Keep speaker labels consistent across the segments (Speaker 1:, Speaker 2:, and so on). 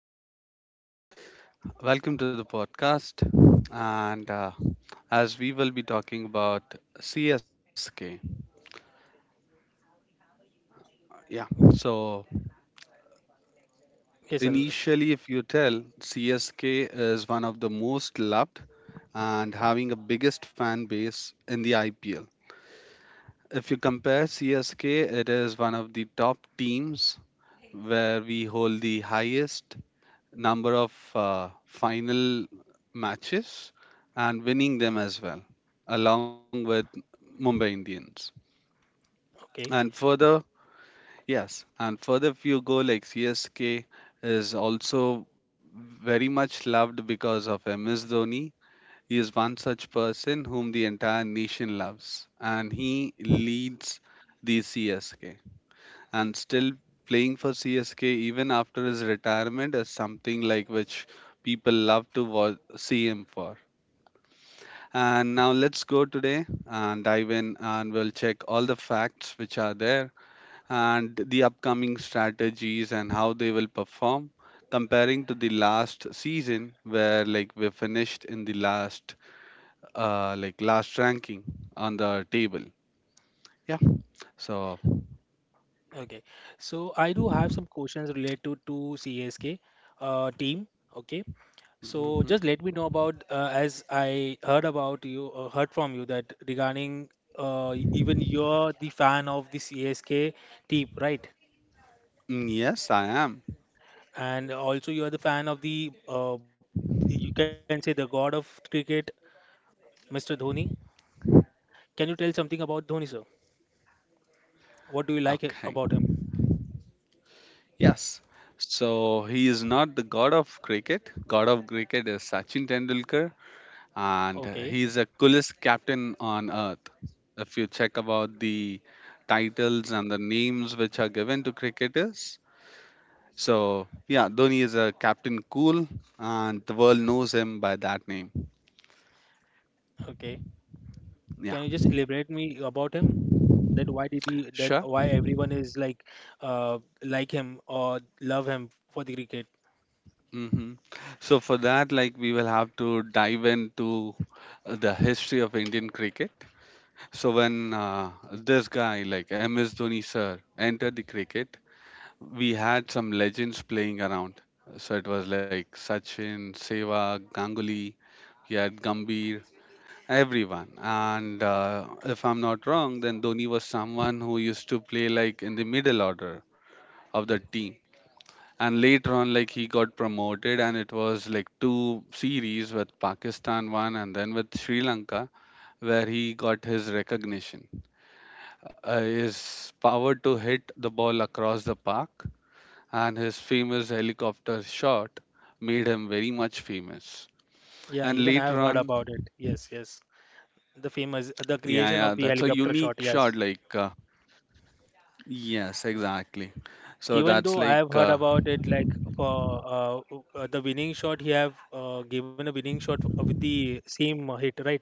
Speaker 1: hi, everyone. Welcome to the podcast. And as we will be talking about CSK, yeah. So,
Speaker 2: Yes, Albert.
Speaker 1: initially, if you tell, CSK is one of the most loved and having a biggest fan base in the IPL. If you compare CSK, it is one of the top teams where we hold the highest number of final matches and winning them as well, along with Mumbai Indians.
Speaker 2: Okay.
Speaker 1: And further, yes, and further, if you go like CSK is also very much loved because of MS Dhoni. He is one such person whom the entire nation loves, and he leads the CSK and still playing for CSK even after his retirement is something like which people love to see him for. And now let's go today and dive in and we'll check all the facts which are there and the upcoming strategies and how they will perform comparing to the last season where like we finished in the last like last ranking on the table, yeah, so.
Speaker 2: Okay, so I do have some questions related to CSK team. Okay, so
Speaker 1: Mhm.
Speaker 2: just let me know about as I heard about you, heard from you that regarding even you're the fan of the CSK team, right?
Speaker 1: Mm, yes, I am.
Speaker 2: And also you are the fan of the you can say the god of cricket, Mr. Dhoni. Can you tell something about Dhoni, sir? What do you like about
Speaker 1: Okay.
Speaker 2: him?
Speaker 1: Yes. So he is not the god of cricket. God of cricket is Sachin Tendulkar, and
Speaker 2: Okay,
Speaker 1: he is a coolest captain on earth. If you check about the titles and the names which are given to cricketers, so yeah, Dhoni is a captain cool, and the world knows him by that name.
Speaker 2: okay.
Speaker 1: Yeah,
Speaker 2: Can you just elaborate me about him? That
Speaker 1: sure.
Speaker 2: why everyone is like him or love him for the cricket.
Speaker 1: hmm So for that, like we will have to dive into the history of Indian cricket. So when this guy like MS Dhoni sir entered the cricket, we had some legends playing around. So it was like Sachin, Sehwag, Ganguly, we had Gambhir, everyone. And if I'm not wrong, then Dhoni was someone who used to play like in the middle order of the team. And later on, like he got promoted, and it was like two series with Pakistan one and then with Sri Lanka, where he got his recognition, his power to hit the ball across the park and his famous helicopter shot made him very much famous.
Speaker 2: Yeah,
Speaker 1: And
Speaker 2: even I
Speaker 1: later
Speaker 2: have heard
Speaker 1: on,
Speaker 2: about it. Yes, yes.
Speaker 1: yeah, yeah,
Speaker 2: The
Speaker 1: that's a
Speaker 2: famous the
Speaker 1: unique
Speaker 2: creation of
Speaker 1: shot.
Speaker 2: the helicopter shot, yes.
Speaker 1: Yes, exactly. So that's like,
Speaker 2: Even though
Speaker 1: uh,
Speaker 2: I have heard about it, like for the winning shot, he have given a winning shot with the same hit, right?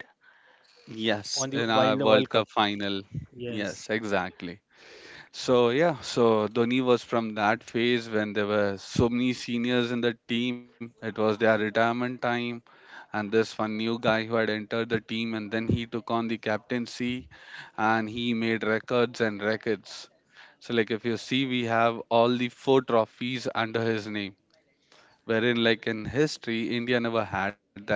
Speaker 2: On
Speaker 1: yes,
Speaker 2: the
Speaker 1: in
Speaker 2: while
Speaker 1: our
Speaker 2: the World
Speaker 1: World
Speaker 2: Cup.
Speaker 1: Cup final.
Speaker 2: Yes.
Speaker 1: Yes, exactly. So yeah, so Dhoni was from that phase when there were so many seniors in the team. It was their retirement time, and this one new guy who had entered the team, and then he took on the captaincy, and he made records and records. So like if you see, we have all the four trophies under his name, wherein like in history, India never had that,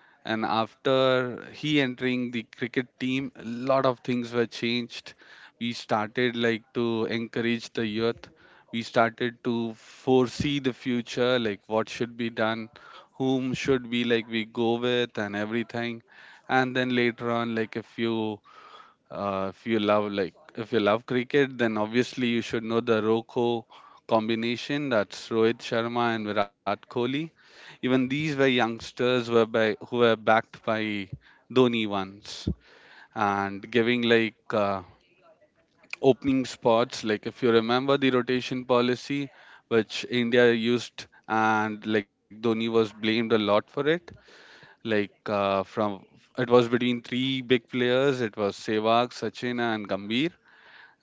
Speaker 1: and after he entering the cricket team a lot of things were changed. We started like to encourage the youth. We started to foresee the future like what should be done, whom should be like we go with and everything, and then later on like a few. If you love like if you love cricket, then obviously you should know the Roko combination. That's Rohit Sharma and Virat Kohli. Even these were youngsters were by who were backed by Dhoni once and giving like opening spots. Like if you remember the rotation policy, which India used, and like Dhoni was blamed a lot for it. Like from it was between three big players. It was Sehwag, Sachin, and Gambhir,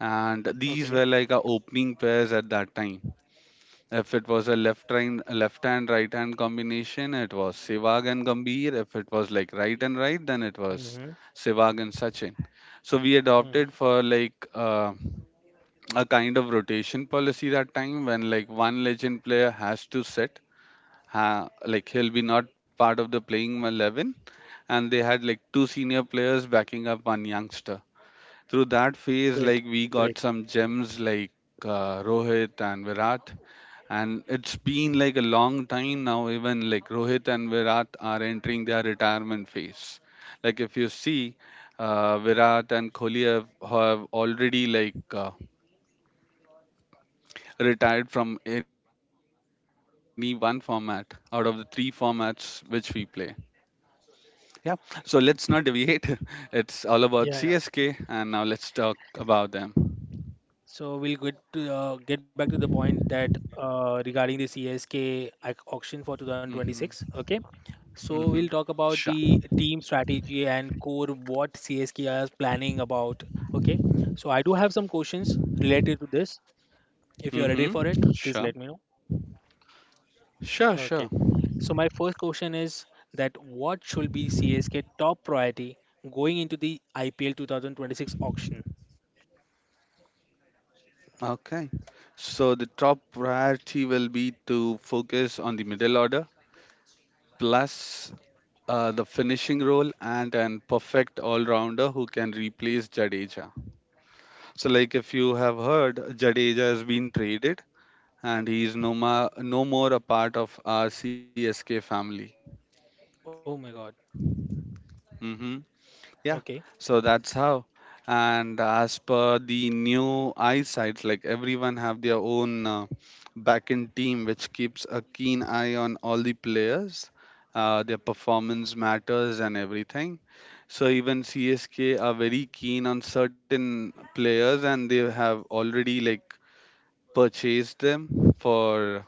Speaker 1: and these
Speaker 2: Okay.
Speaker 1: were like a opening pairs at that time. If it was a left hand right hand combination, it was Sehwag and Gambhir. If it was like right and right, then it was
Speaker 2: Mm-hmm.
Speaker 1: Sehwag and Sachin. So we
Speaker 2: Mm-hmm.
Speaker 1: adopted for a kind of rotation policy that time when like one legend player has to sit, like he'll be not part of the playing 11, and they had like two senior players backing up one youngster. Through that phase,
Speaker 2: Great.
Speaker 1: like we got
Speaker 2: Great.
Speaker 1: some gems like Rohit and Virat, and it's been like a long time now. Even like Rohit and Virat are entering their retirement phase. Like if you see, Virat and Kohli have already like retired from any one format out of the three formats which we play. Yeah, so let's not deviate. It's all about CSK,
Speaker 2: Yeah,
Speaker 1: and now
Speaker 2: yeah.
Speaker 1: let's talk about them.
Speaker 2: So we'll get to get back to the point that regarding the CSK auction for
Speaker 1: Mm-hmm.
Speaker 2: 2026. Okay, so
Speaker 1: Mm-hmm.
Speaker 2: we'll talk
Speaker 1: Sure.
Speaker 2: about the team strategy and core what CSK is planning about. Okay, so I do have some questions related to this. If you're ready for
Speaker 1: Mm-hmm.
Speaker 2: it, please
Speaker 1: Sure.
Speaker 2: let me know.
Speaker 1: Sure, sure.
Speaker 2: Okay, so my first question is that what should be CSK top priority going into the IPL 2026 auction?
Speaker 1: Okay. So the top priority will be to focus on the middle order plus the finishing role and an perfect all-rounder who can replace Jadeja. So like if you have heard, Jadeja has been traded and he is no, no more a part of our CSK family.
Speaker 2: Oh my God.
Speaker 1: Mm-hmm. Yeah,
Speaker 2: Okay.
Speaker 1: so that's how. And as per the new eyesight, like everyone have their own backend team which keeps a keen eye on all the players. Their performance matters and everything. So even CSK are very keen on certain players, and they have already like purchased them for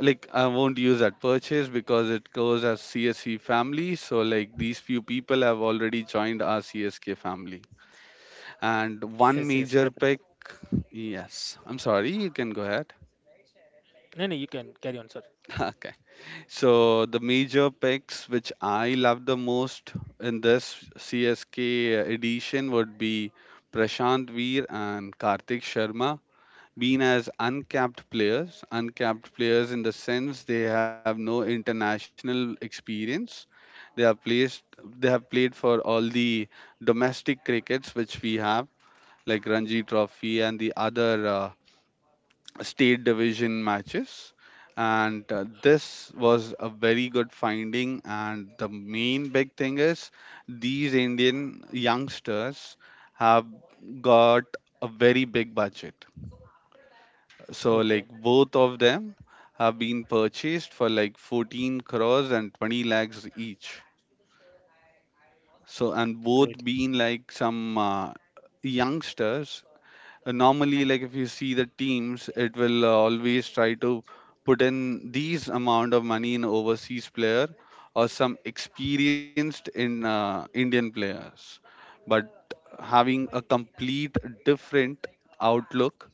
Speaker 1: like I won't use that purchase because it goes as CSC family. So like these few people have already joined our CSK family. And
Speaker 2: Yes, yes,
Speaker 1: one
Speaker 2: definitely.
Speaker 1: major pick, yes. I'm sorry, you can go ahead.
Speaker 2: No, no, you can carry on, sir.
Speaker 1: Okay. So the major picks which I love the most in this CSK edition would be Prashant Veer and Kartik Sharma been as uncapped players in the sense they have no international experience. They have placed, they have played for all the domestic crickets which we have, like Ranji Trophy and the other state division matches. And this was a very good finding. And the main big thing is these Indian youngsters have got a very big budget, so like
Speaker 2: Okay,
Speaker 1: both of them have been purchased for like 14 crores and 20 lakhs each. So and both
Speaker 2: great,
Speaker 1: being like some youngsters. Normally, like if you see the teams, it will always try to put in these amount of money in overseas player or some experienced in Indian players. But having a complete different outlook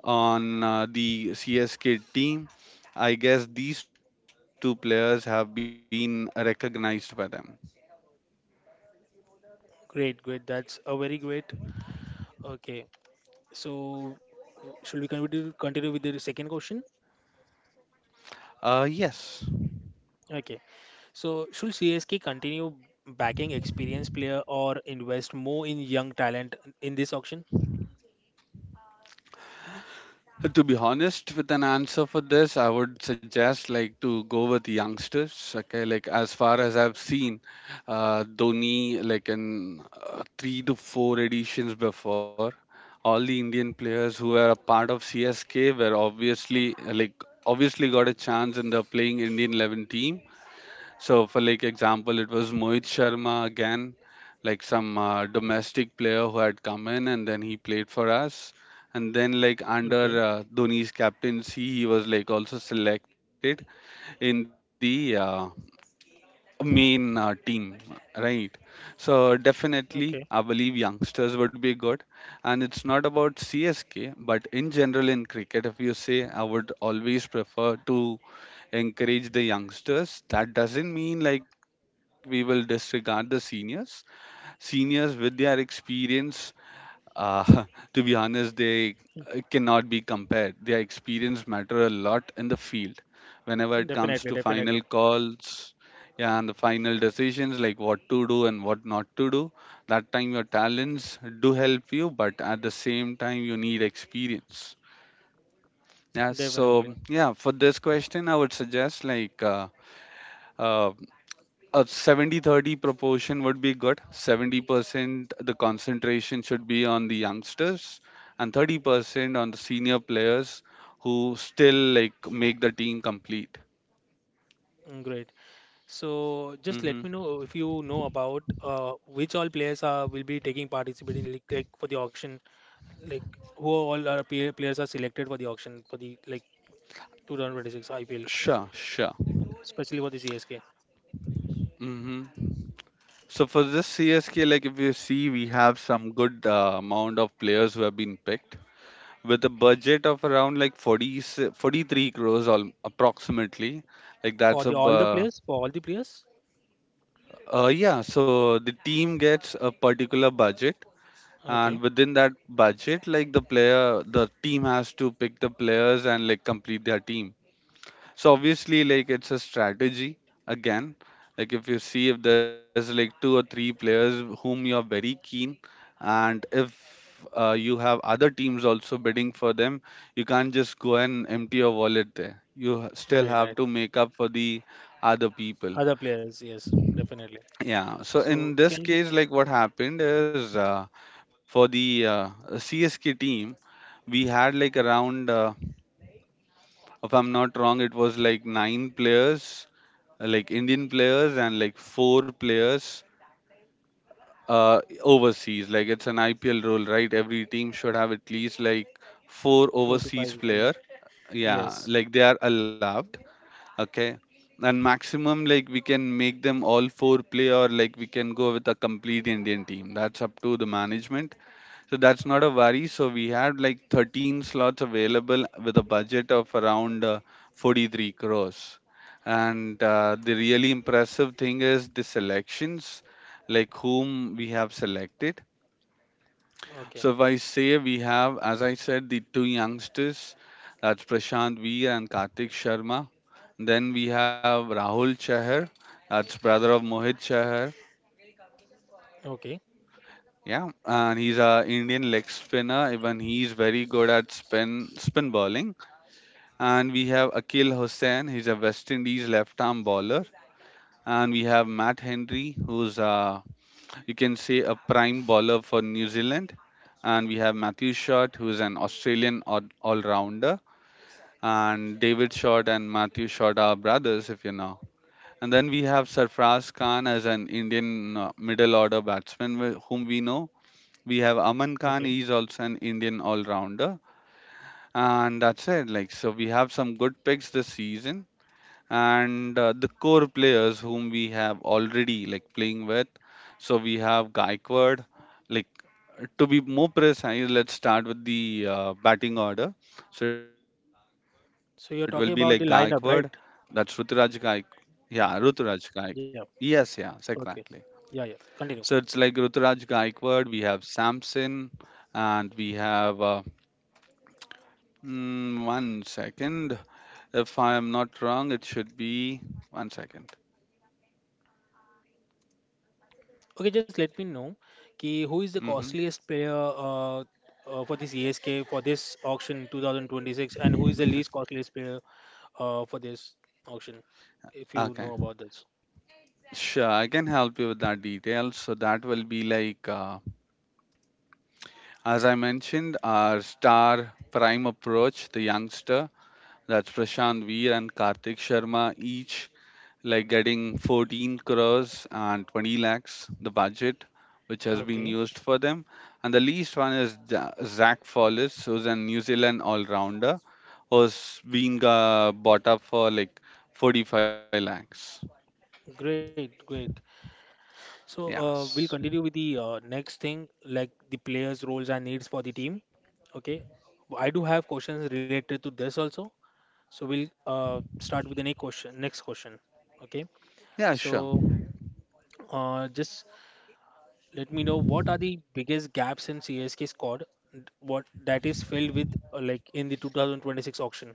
Speaker 1: on the CSK team, I guess these two players have been recognized by them.
Speaker 2: great, great. That's a very great. Okay, so should we continue with the second question?
Speaker 1: Yes.
Speaker 2: Okay, so should CSK continue backing experienced player or invest more in young talent in this auction?
Speaker 1: To be honest, with an answer for this, I would suggest like to go with youngsters. Okay, like as far as I've seen, Dhoni like in 3 to 4 editions before, all the Indian players who were a part of CSK were obviously got a chance in the playing Indian 11 team. So, for like example, it was Mohit Sharma again, like some domestic player who had come in and then he played for us. And then, like under
Speaker 2: Okay,
Speaker 1: Dhoni's captaincy, he was like also selected in the main team, right? So definitely
Speaker 2: okay,
Speaker 1: I believe youngsters would be good, and it's not about csk but in general in cricket if you say I would always prefer to encourage the youngsters. That doesn't mean like we will disregard the seniors. Seniors with their experience, uh, to be honest, they cannot be compared. Their experience matter a lot in the field. Whenever it comes to
Speaker 2: definitely,
Speaker 1: final
Speaker 2: definitely,
Speaker 1: calls, yeah, and the final decisions like what to do and what not to do, that time your talents do help you, but at the same time you need experience. Yeah, so
Speaker 2: definitely.
Speaker 1: yeah, for this question, I would suggest like uh, a 70-30 proportion would be good. 70% the concentration should be on the youngsters and 30% on the senior players who still like make the team complete.
Speaker 2: Mm. Great. So just
Speaker 1: Hmm
Speaker 2: let me know if you know about which all players are will be taking participate in like for the auction like who all are PA players are selected for the auction for the like 2026 IPL,
Speaker 1: Sure, sure.
Speaker 2: especially for the CSK.
Speaker 1: hmm So for this CSK, like if you see, we have some good amount of players who have been picked with a budget of around like 40, 43 crores all, approximately. Like
Speaker 2: For
Speaker 1: that's
Speaker 2: the
Speaker 1: a
Speaker 2: all the players, for all the players.
Speaker 1: Yeah, so the team gets a particular budget, and
Speaker 2: Okay,
Speaker 1: within that budget, like the player, the team has to pick the players and like complete their team. So obviously, like it's a strategy again. Like if you see if there's like two or three players whom you're very keen, and if you have other teams also bidding for them, you can't just go and empty your wallet there. You still
Speaker 2: right, right.
Speaker 1: have to make up for the other people.
Speaker 2: Other players, yes, definitely.
Speaker 1: Yeah, so
Speaker 2: So
Speaker 1: in this
Speaker 2: can you
Speaker 1: case, like what happened is for the CSK team, we had like around, if I'm not wrong, it was like 9 players, like Indian players, and like 4 players overseas. Like it's an IPL rule, right? Every team should have at least like 4
Speaker 2: four to five
Speaker 1: overseas
Speaker 2: people?
Speaker 1: player.
Speaker 2: Yes.
Speaker 1: Yeah, like they are allowed, okay, and maximum like we can make them all four play, or like we can go with a complete indian team. That's up to the management, so that's not a worry. So we had like 13 slots available with a budget of around 43 crores. And the really impressive thing is the selections, like whom we have selected.
Speaker 2: Okay.
Speaker 1: So if I say, we have, as I said, the two youngsters, that's Prashant V and Kartik Sharma. Then we have Rahul Chahar, that's brother of Mohit Chahar.
Speaker 2: Okay.
Speaker 1: Yeah, and he's a Indian leg spinner. Even he's very good at spin bowling. And we have Akil Hussain, he's a West Indies left arm bowler. And we have Matt Henry, who's a, you can say, a prime bowler for New Zealand. And we have Matthew Short, who is an Australian all rounder. And David Short and Matthew Short are brothers, if you know. And then we have Sarfraz Khan as an Indian middle order batsman, whom we know. We have Aman Khan,
Speaker 2: Okay.
Speaker 1: he's also an Indian all rounder. And that's it. Like, so we have some good picks this season, and the core players whom we have already like playing with. So we have Gaikwad. Like, to be more precise, let's start with the batting order. So it will be like Gaikwad.
Speaker 2: So you're
Speaker 1: That's
Speaker 2: talking about the
Speaker 1: Ruturaj
Speaker 2: lineup,
Speaker 1: Gaik.
Speaker 2: right?
Speaker 1: Yeah, Ruturaj Gaik. Yes, yes,
Speaker 2: Yeah.
Speaker 1: exactly.
Speaker 2: Okay.
Speaker 1: So it's like
Speaker 2: Yeah, yeah.
Speaker 1: Ruturaj
Speaker 2: Continue.
Speaker 1: Gaikwad. We have Samson, and we have one second. If I am not wrong, it should be one second.
Speaker 2: Okay, just let me know ki who is the
Speaker 1: Mm-hmm.
Speaker 2: costliest player uh, for this ESK for this auction 2026 and who is the least costliest player for this auction if you
Speaker 1: Okay.
Speaker 2: know about this.
Speaker 1: Sure, I can help you with that detail. So that will be like, as I mentioned, our star prime approach, the youngster, that's Prashant Veer and Kartik Sharma, each like getting 14 crores and 20 lakhs, the budget which has been
Speaker 2: Okay,
Speaker 1: used for them. And the least one is Zach Follis, who's a New Zealand all-rounder, who's being bought up for like 45 lakhs.
Speaker 2: great, great. So
Speaker 1: Yes.
Speaker 2: we'll continue with the next thing like the players' roles and needs for the team. Okay, I do have questions related to this also. So we'll start with the next question. Okay,
Speaker 1: Yeah, sure.
Speaker 2: so just let me know what are the biggest gaps in CSK squad and what that is filled with like in the 2026 auction.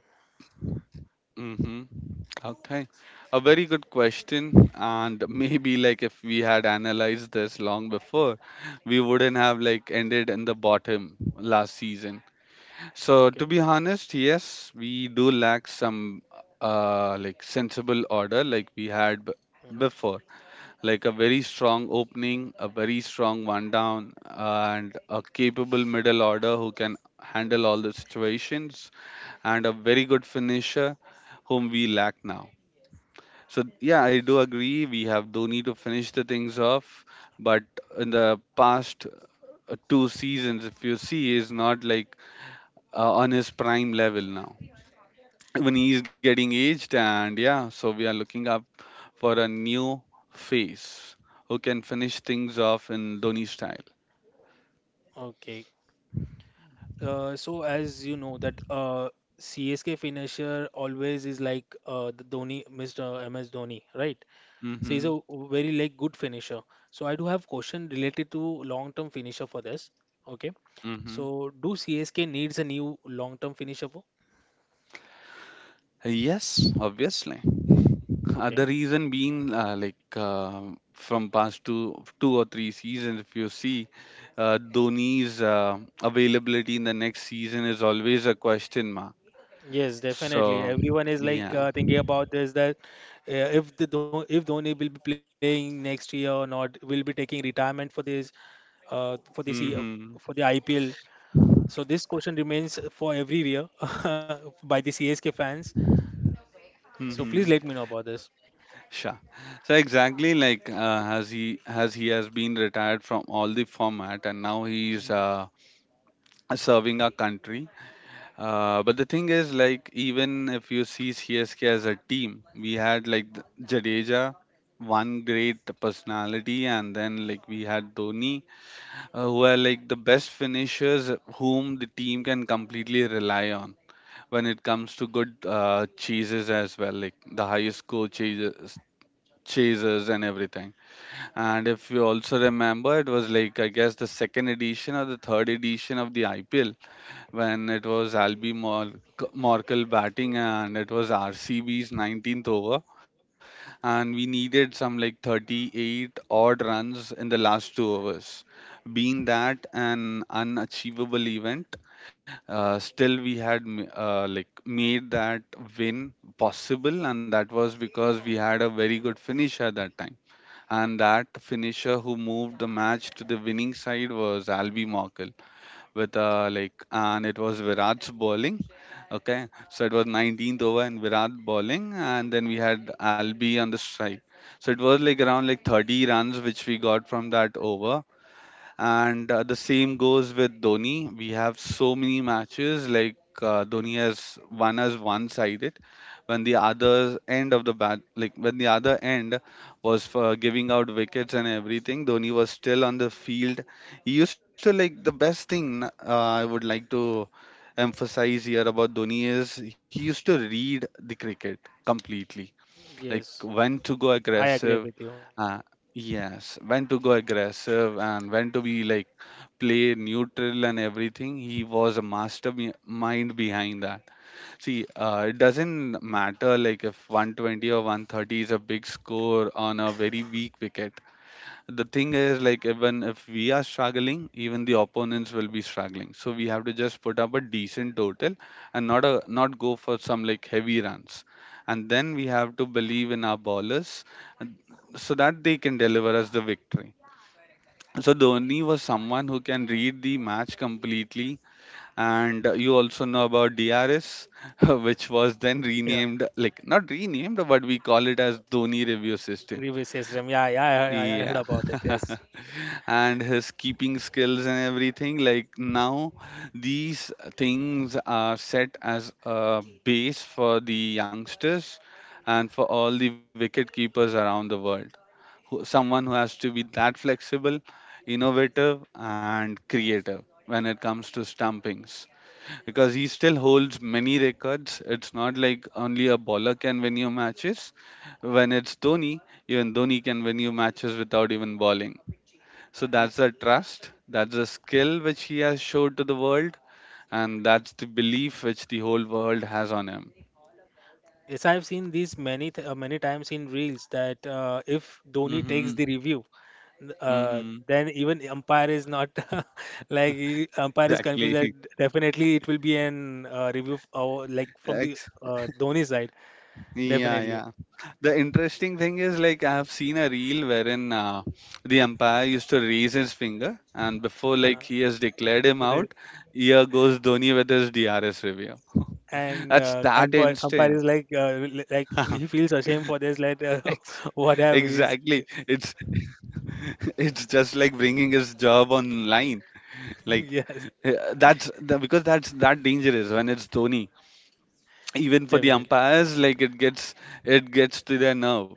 Speaker 1: Mm-hmm. Okay. A very good question. And maybe like if we had analyzed this long before, we wouldn't have like ended in the bottom last season. So
Speaker 2: Okay.
Speaker 1: to be honest, yes, we do lack some like sensible order, like we had b
Speaker 2: Mhm.
Speaker 1: before. Like a very strong opening, a very strong one down, and a capable middle order who can handle all the situations, and a very good finisher whom we lack now. So yeah, I do agree we have Dhoni to finish the things off, but in the past two seasons, if you see, is not like on his prime level now. When he is getting aged, and yeah, so we are looking up for a new face who can finish things off in Dhoni style.
Speaker 2: Okay. So as you know that CSK finisher always is like the Dhoni, Mr. MS Dhoni, right? So he's
Speaker 1: Mm-hmm.
Speaker 2: a very like good finisher. So I do have question related to long-term finisher for this. Okay.
Speaker 1: Mm-hmm.
Speaker 2: So do CSK needs a new long-term finisher? For?
Speaker 1: Yes, obviously. The
Speaker 2: Okay.
Speaker 1: reason being, from past two, two or three seasons, if you see, Dhoni's availability in the next season is always a question mark.
Speaker 2: Yes, definitely.
Speaker 1: So,
Speaker 2: Everyone is like
Speaker 1: yeah.
Speaker 2: thinking about this that if Dhoni will be playing next year or not, will be taking retirement for this year for
Speaker 1: Mm-hmm.
Speaker 2: the IPL. So this question remains for every year by the CSK fans. So please
Speaker 1: Mm-hmm.
Speaker 2: let me know about this.
Speaker 1: Sure. So exactly like, as he has been retired from all the format and now he's
Speaker 2: Mm,
Speaker 1: serving our country. But the thing is, like, even if you see CSK as a team, we had like Jadeja, one great personality, and then like we had Dhoni, who are like the best finishers whom the team can completely rely on when it comes to good chases as well, like the highest score chases. Chasers and everything. And if you also remember, it was like, I guess, the second edition or the third edition of the IPL when it was Morkel batting, and it was RCB's 19th over and we needed some like 38 odd runs in the last two overs. Being that an unachievable event, still we had like made that win possible, and that was because we had a very good finisher that time. And that finisher who moved the match to the winning side was Albie Morkel with like and it was Virat's bowling. Okay, so it was 19th over and Virat bowling, and then we had Albi on the strike. So it was like around like 30 runs which we got from that over, and the same goes with Dhoni. We have so many matches like Dhoni has won as one-sided, when the other end of the bat, like when the other end was for giving out wickets and everything, Dhoni was still on the field. He used to like the best thing I would like to emphasize here about Dhoni is he used to read the cricket completely, like
Speaker 2: Yes,
Speaker 1: when to go
Speaker 2: I agree
Speaker 1: aggressive,
Speaker 2: with you.
Speaker 1: uh, yes when to go aggressive and when to be like play neutral, and everything. He was a master mind behind that. See, it doesn't matter like if 120 or 130 is a big score on a very weak wicket. The thing is, like, even if we are struggling, even the opponents will be struggling. So we have to just put up a decent total and not a not go for some like heavy runs. And then we have to believe in our bowlers, and- so that they can deliver us the victory. So Dhoni was someone who can read the match completely, and you also know about DRS, which was then
Speaker 2: Yeah,
Speaker 1: renamed, like not renamed, but we call it as Dhoni review system.
Speaker 2: reverse system. Yeah, yeah, I heard
Speaker 1: Yeah.
Speaker 2: about it. Yes.
Speaker 1: And his keeping skills and everything, like now these things are set as a base for the youngsters and for all the wicket keepers around the world who, someone who has to be that flexible, innovative and creative when it comes to stumpings, because he still holds many records. It's not like only a bowler can win you matches. When it's Dhoni, even Dhoni can win you matches without even bowling. So
Speaker 2: Y-
Speaker 1: that's the trust, that's the skill which he has showed to the world, and that's the belief which the whole world has on him.
Speaker 2: Yes, I've seen these many times in reels that if Dhoni takes
Speaker 1: Mm-hmm.
Speaker 2: the review.
Speaker 1: Mm-hmm.
Speaker 2: Then even umpire is not like umpire is confused
Speaker 1: Exactly.
Speaker 2: that definitely it will be an review or like from the
Speaker 1: Ex-
Speaker 2: Dhoni side
Speaker 1: yeah,
Speaker 2: definitely
Speaker 1: yeah. The interesting thing is, like, I have seen a reel wherein the umpire used to raise his finger, and before, like,
Speaker 2: uh,
Speaker 1: he has declared him
Speaker 2: re-
Speaker 1: out, here goes Dhoni with his DRS review.
Speaker 2: and
Speaker 1: That's
Speaker 2: uh,
Speaker 1: that
Speaker 2: umpire, umpire
Speaker 1: instant.
Speaker 2: is like like he feels ashamed for this like
Speaker 1: Ex-
Speaker 2: what have
Speaker 1: exactly.
Speaker 2: we is
Speaker 1: It's it's just like bringing his job online. Like
Speaker 2: yes
Speaker 1: uh, that's the, because that's that dangerous when it's Dhoni. Even for the
Speaker 2: definitely.
Speaker 1: umpires, like it gets, it gets to their nerve.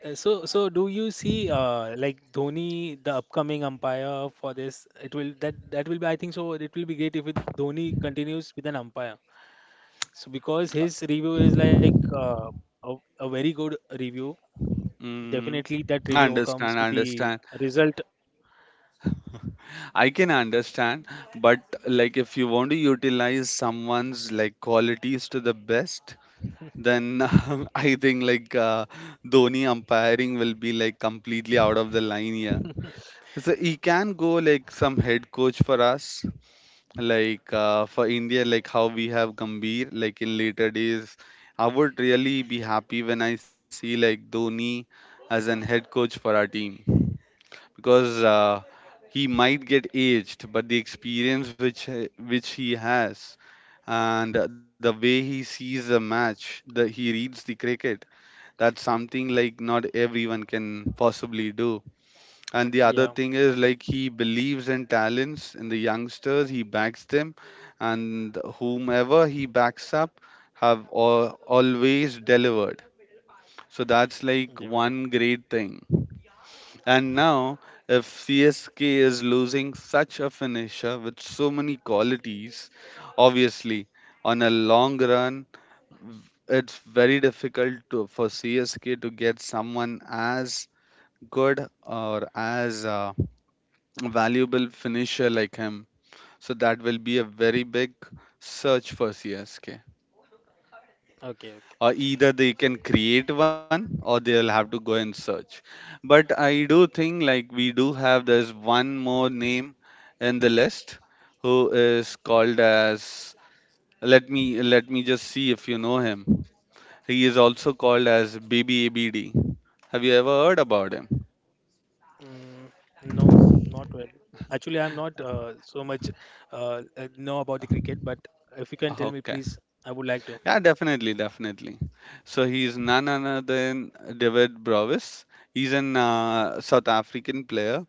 Speaker 2: So so do you see like Dhoni the upcoming umpire for this it will that that will be I think so it will be great if it, Dhoni continues with an umpire. So because his review is like a very good review,
Speaker 1: Mm,
Speaker 2: definitely that
Speaker 1: I
Speaker 2: review comes
Speaker 1: understand,
Speaker 2: with
Speaker 1: I
Speaker 2: the
Speaker 1: understand.
Speaker 2: result.
Speaker 1: I can understand, but like if you want to utilize someone's like qualities to the best, then I think like Dhoni umpiring will be like completely out of the line here. So he can go like some head coach for us, like for India, like how we have Gambhir, like in later days. I would really be happy when I see like Dhoni as an head coach for our team, because he might get aged, but the experience which he has, and the way he sees the match, the he reads the cricket, that's something like not everyone can possibly do. And the
Speaker 2: Yeah.
Speaker 1: other thing is, like, he believes in talents in the youngsters, he backs them, and whomever he backs up have always delivered. So that's like
Speaker 2: Definitely.
Speaker 1: one great thing. And now, if CSK is losing such a finisher with so many qualities, obviously on a long run, it's very difficult to, for CSK to get someone as good or as valuable finisher like him. So that will be a very big search for CSK.
Speaker 2: Okay. Okay.
Speaker 1: Or either they can create one, or they'll have to go and search. But I do think like we do have, there's one more name in the list who is called as, let me, let me just see if you know him. He is also called as Abd. Have you ever heard about him?
Speaker 2: Mm, no, not really. Actually, I'm not so much know about the cricket, but if you can tell me,
Speaker 1: Okay.
Speaker 2: please, I would like to.
Speaker 1: Yeah, definitely, definitely. So he's none other than David Brovis. He's an South African player,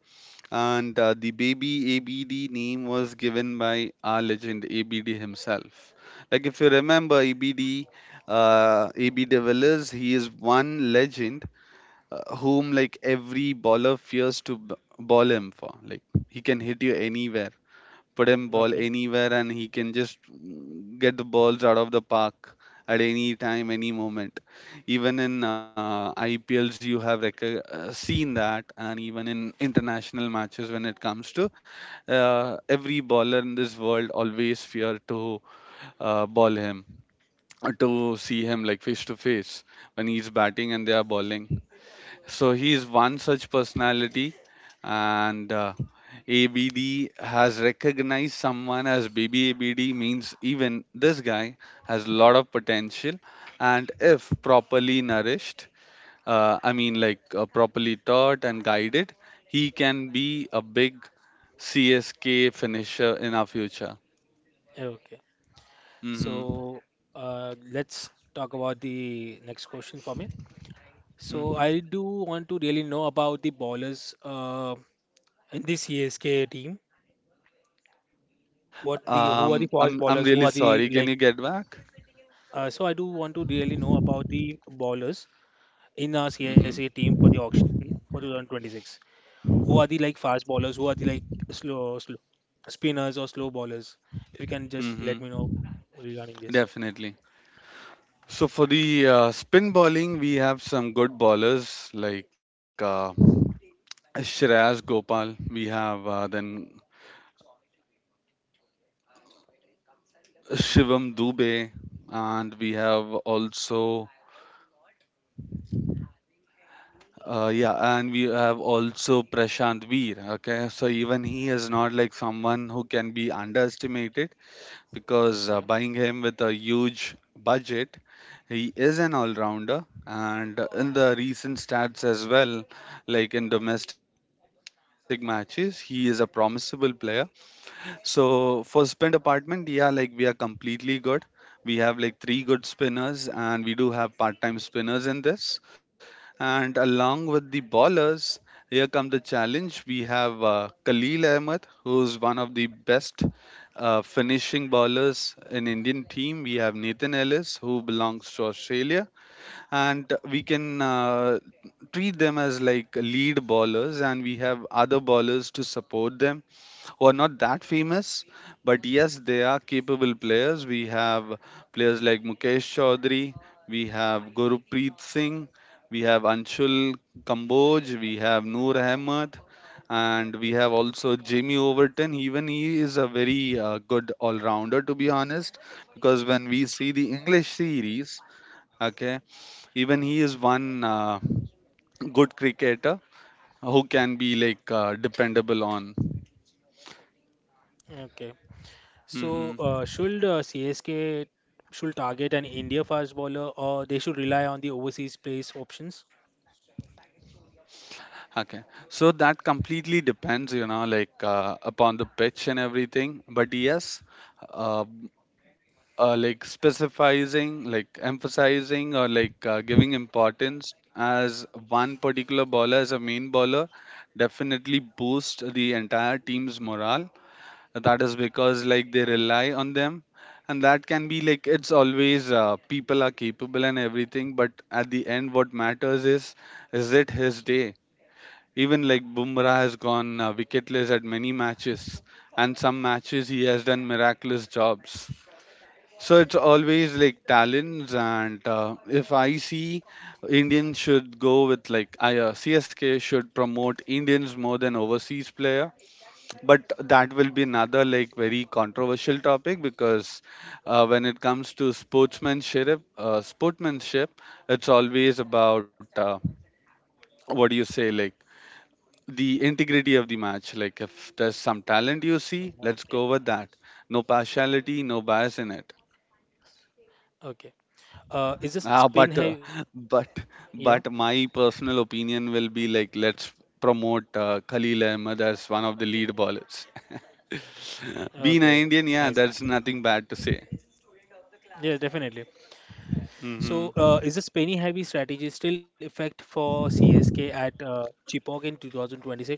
Speaker 1: and the baby ABD name was given by our legend ABD himself. Like if you remember ABD, AB de Villiers, he is one legend whom like every baller fears to ball him for. Like he can hit you anywhere, put him ball
Speaker 2: Okay.
Speaker 1: anywhere, and he can just get the balls out of the park at any time, any moment. Even in IPLs, you have seen that, and even in international matches, when it comes to every bowler in this world, always fear to ball him, to see him like face to face when he's batting and they are bowling. So he is one such personality, and ABD has recognized someone as baby ABD means even this guy has a lot of potential, and if properly nourished, I mean like properly taught and guided, he can be a big CSK finisher in our future.
Speaker 2: Okay.
Speaker 1: Hmm.
Speaker 2: So let's talk about the next question for me. So
Speaker 1: Hmm.
Speaker 2: I do want to really know about the bowlers. In this CSK team? What the who are the
Speaker 1: Um,
Speaker 2: fast
Speaker 1: I'm
Speaker 2: bowlers? Who
Speaker 1: really
Speaker 2: are the
Speaker 1: sorry. Can
Speaker 2: like?
Speaker 1: you get back?
Speaker 2: So I do want to really know about the bowlers in our
Speaker 1: Hmm.
Speaker 2: CSK team for the auction for 2026. Who are the like fast bowlers? Who are the like slow spinners or slow bowlers? If you can just let
Speaker 1: Hmm.
Speaker 2: me know regarding this.
Speaker 1: Definitely. So for the spin bowling, we have some good bowlers like Shreyas Gopal. We have then Shivam Dubey, and we have also Prashant Veer. Okay, so even he is not like someone who can be underestimated. Because
Speaker 2: Okay.
Speaker 1: buying him with a huge budget, he is an all-rounder. And in the recent stats as well, like in domestic matches, he is a promisable player. So for spin department, yeah, like we are completely good. We have like three good spinners, and we do have part-time spinners in this. And along with the ballers, here come the challenge. We have Khalil Ahmed, who's one of the best finishing ballers in Indian team. We have Nathan Ellis, who belongs to Australia, and we can treat them as like lead ballers, and we have other ballers to support them who are not that famous, but yes, they are capable players. We have players like Mukesh Chaudhary, we have Gurpreet Singh, we have Anshul Kamboj, we have Noor Ahmed, and we have also Jamie Overton. Even he is a very good all-rounder, to be honest, because when we see the English series, okay, even he is one good cricketer who can be like dependable on.
Speaker 2: Okay. So,
Speaker 1: Hmm.
Speaker 2: should CSK should target an India fast bowler or they should rely on the overseas place options?
Speaker 1: Okay, so that completely depends, you know, like upon the pitch and everything. But yes, uh, like specifying, like emphasizing, or like giving importance as one particular bowler as a main bowler definitely boosts the entire team's morale. That is because like they rely on them, and that can be like it's always people are capable and everything. But at the end, what matters is it his day? Even like Bumrah has gone wicketless at many matches, and some matches he has done miraculous jobs. So it's always like talents, and if I see Indians should go with like CSK should promote Indians more than overseas player, but that will be another like very controversial topic because when it comes to sportsmanship, sportsmanship, it's always about what do you say like the integrity of the match. Like if there's some talent you see, let's
Speaker 2: Okay.
Speaker 1: go with that. No partiality, no bias in it.
Speaker 2: Okay. Is the spin
Speaker 1: Ah, but
Speaker 2: heavy.
Speaker 1: uh, but
Speaker 2: Yeah.
Speaker 1: but my personal opinion will be like let's promote Khalil Ahmed as one of the lead bowlers. Being
Speaker 2: Okay.
Speaker 1: an Indian,
Speaker 2: Nice.
Speaker 1: yeah,
Speaker 2: Nice.
Speaker 1: that's nothing bad to say.
Speaker 2: Yeah, definitely. So,
Speaker 1: Hmm.
Speaker 2: is this penny heavy strategy still effect for CSK at Chipok in 2026?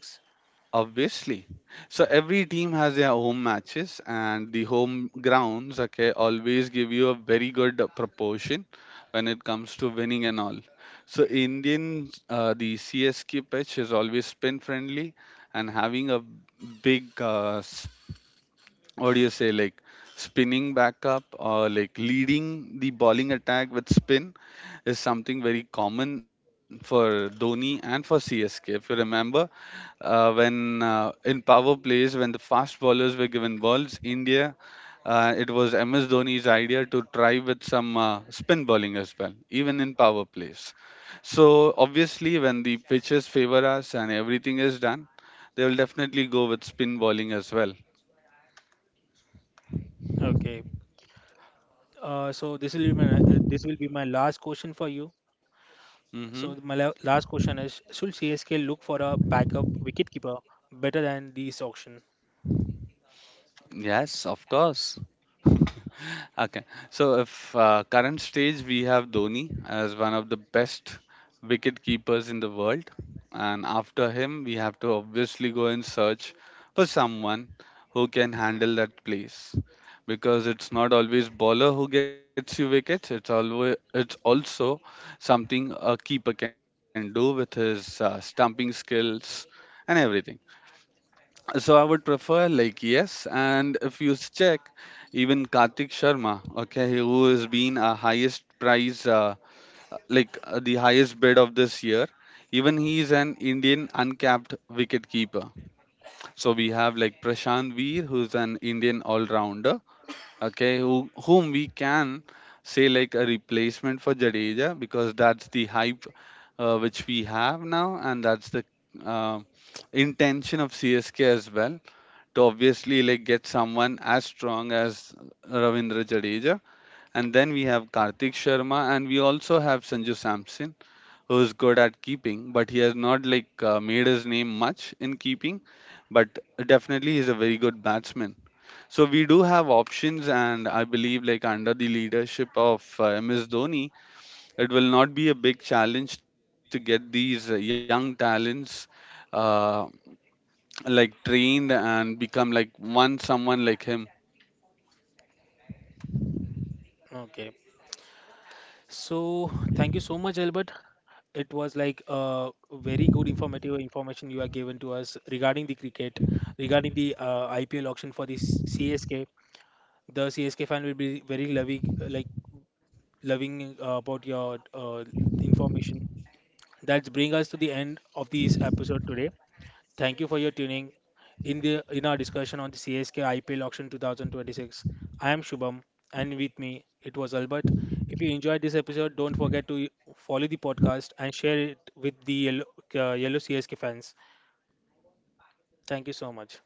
Speaker 1: Obviously. So every team has their home matches, and the home grounds, okay, always give you a very good proportion when it comes to winning and all. So the CSK pitch is always spin friendly and having a big what do you say like spinning back up or like leading the bowling attack with spin is something very common for Dhoni and for CSK. If you remember, when in power plays when the fast bowlers were given balls, India. It was MS Dhoni's idea to try with some spin bowling as well, even in power plays. So obviously, when the pitches favor us and everything is done, they will definitely go with spin bowling as well.
Speaker 2: Okay. So this will be my this will be my last question for you. So my
Speaker 1: Mm-hmm.
Speaker 2: la last question is: should CSK look for a backup wicketkeeper better than this auction?
Speaker 1: Yes, of course. Okay. So, if current stage, we have Dhoni as one of the best wicket keepers in the world, and after him, we have to obviously go and search for someone who can handle that place because it's not always bowler who gets you wickets. It's also something a keeper can do with his stumping skills and everything. So I would prefer like yes, and if you check, even Kartik Sharma, okay, who has been a highest price, the highest bid of this year, even he is an Indian uncapped wicket keeper. So we have like Prashant Veer, who's an Indian all-rounder, okay, whom we can say like a replacement for Jadeja because that's the hype which we have now, and that's the uh, intention of CSK as well to obviously like get someone as strong as Ravindra Jadeja. And then we have Kartik Sharma and we also have Sanju Samson who is good at keeping, but he has not like made his name much in keeping, but definitely he's a very good batsman. So we do have options and I believe like under the leadership of MS Dhoni, it will not be a big challenge to get these young talents uh, like trained and become like one someone like him.
Speaker 2: Okay. So, thank you so much, Albert. It was like a very good informative information you are given to us regarding the cricket, regarding the IPL auction for the CSK. The CSK fan will be very loving, like loving about your information. That brings us to the end of this episode today. Thank you for your tuning in our discussion on the CSK IPL auction 2026. I am Shubham and with me it was Albert. If you enjoyed this episode, don't forget to follow the podcast and share it with the yellow CSK fans. Thank you so much.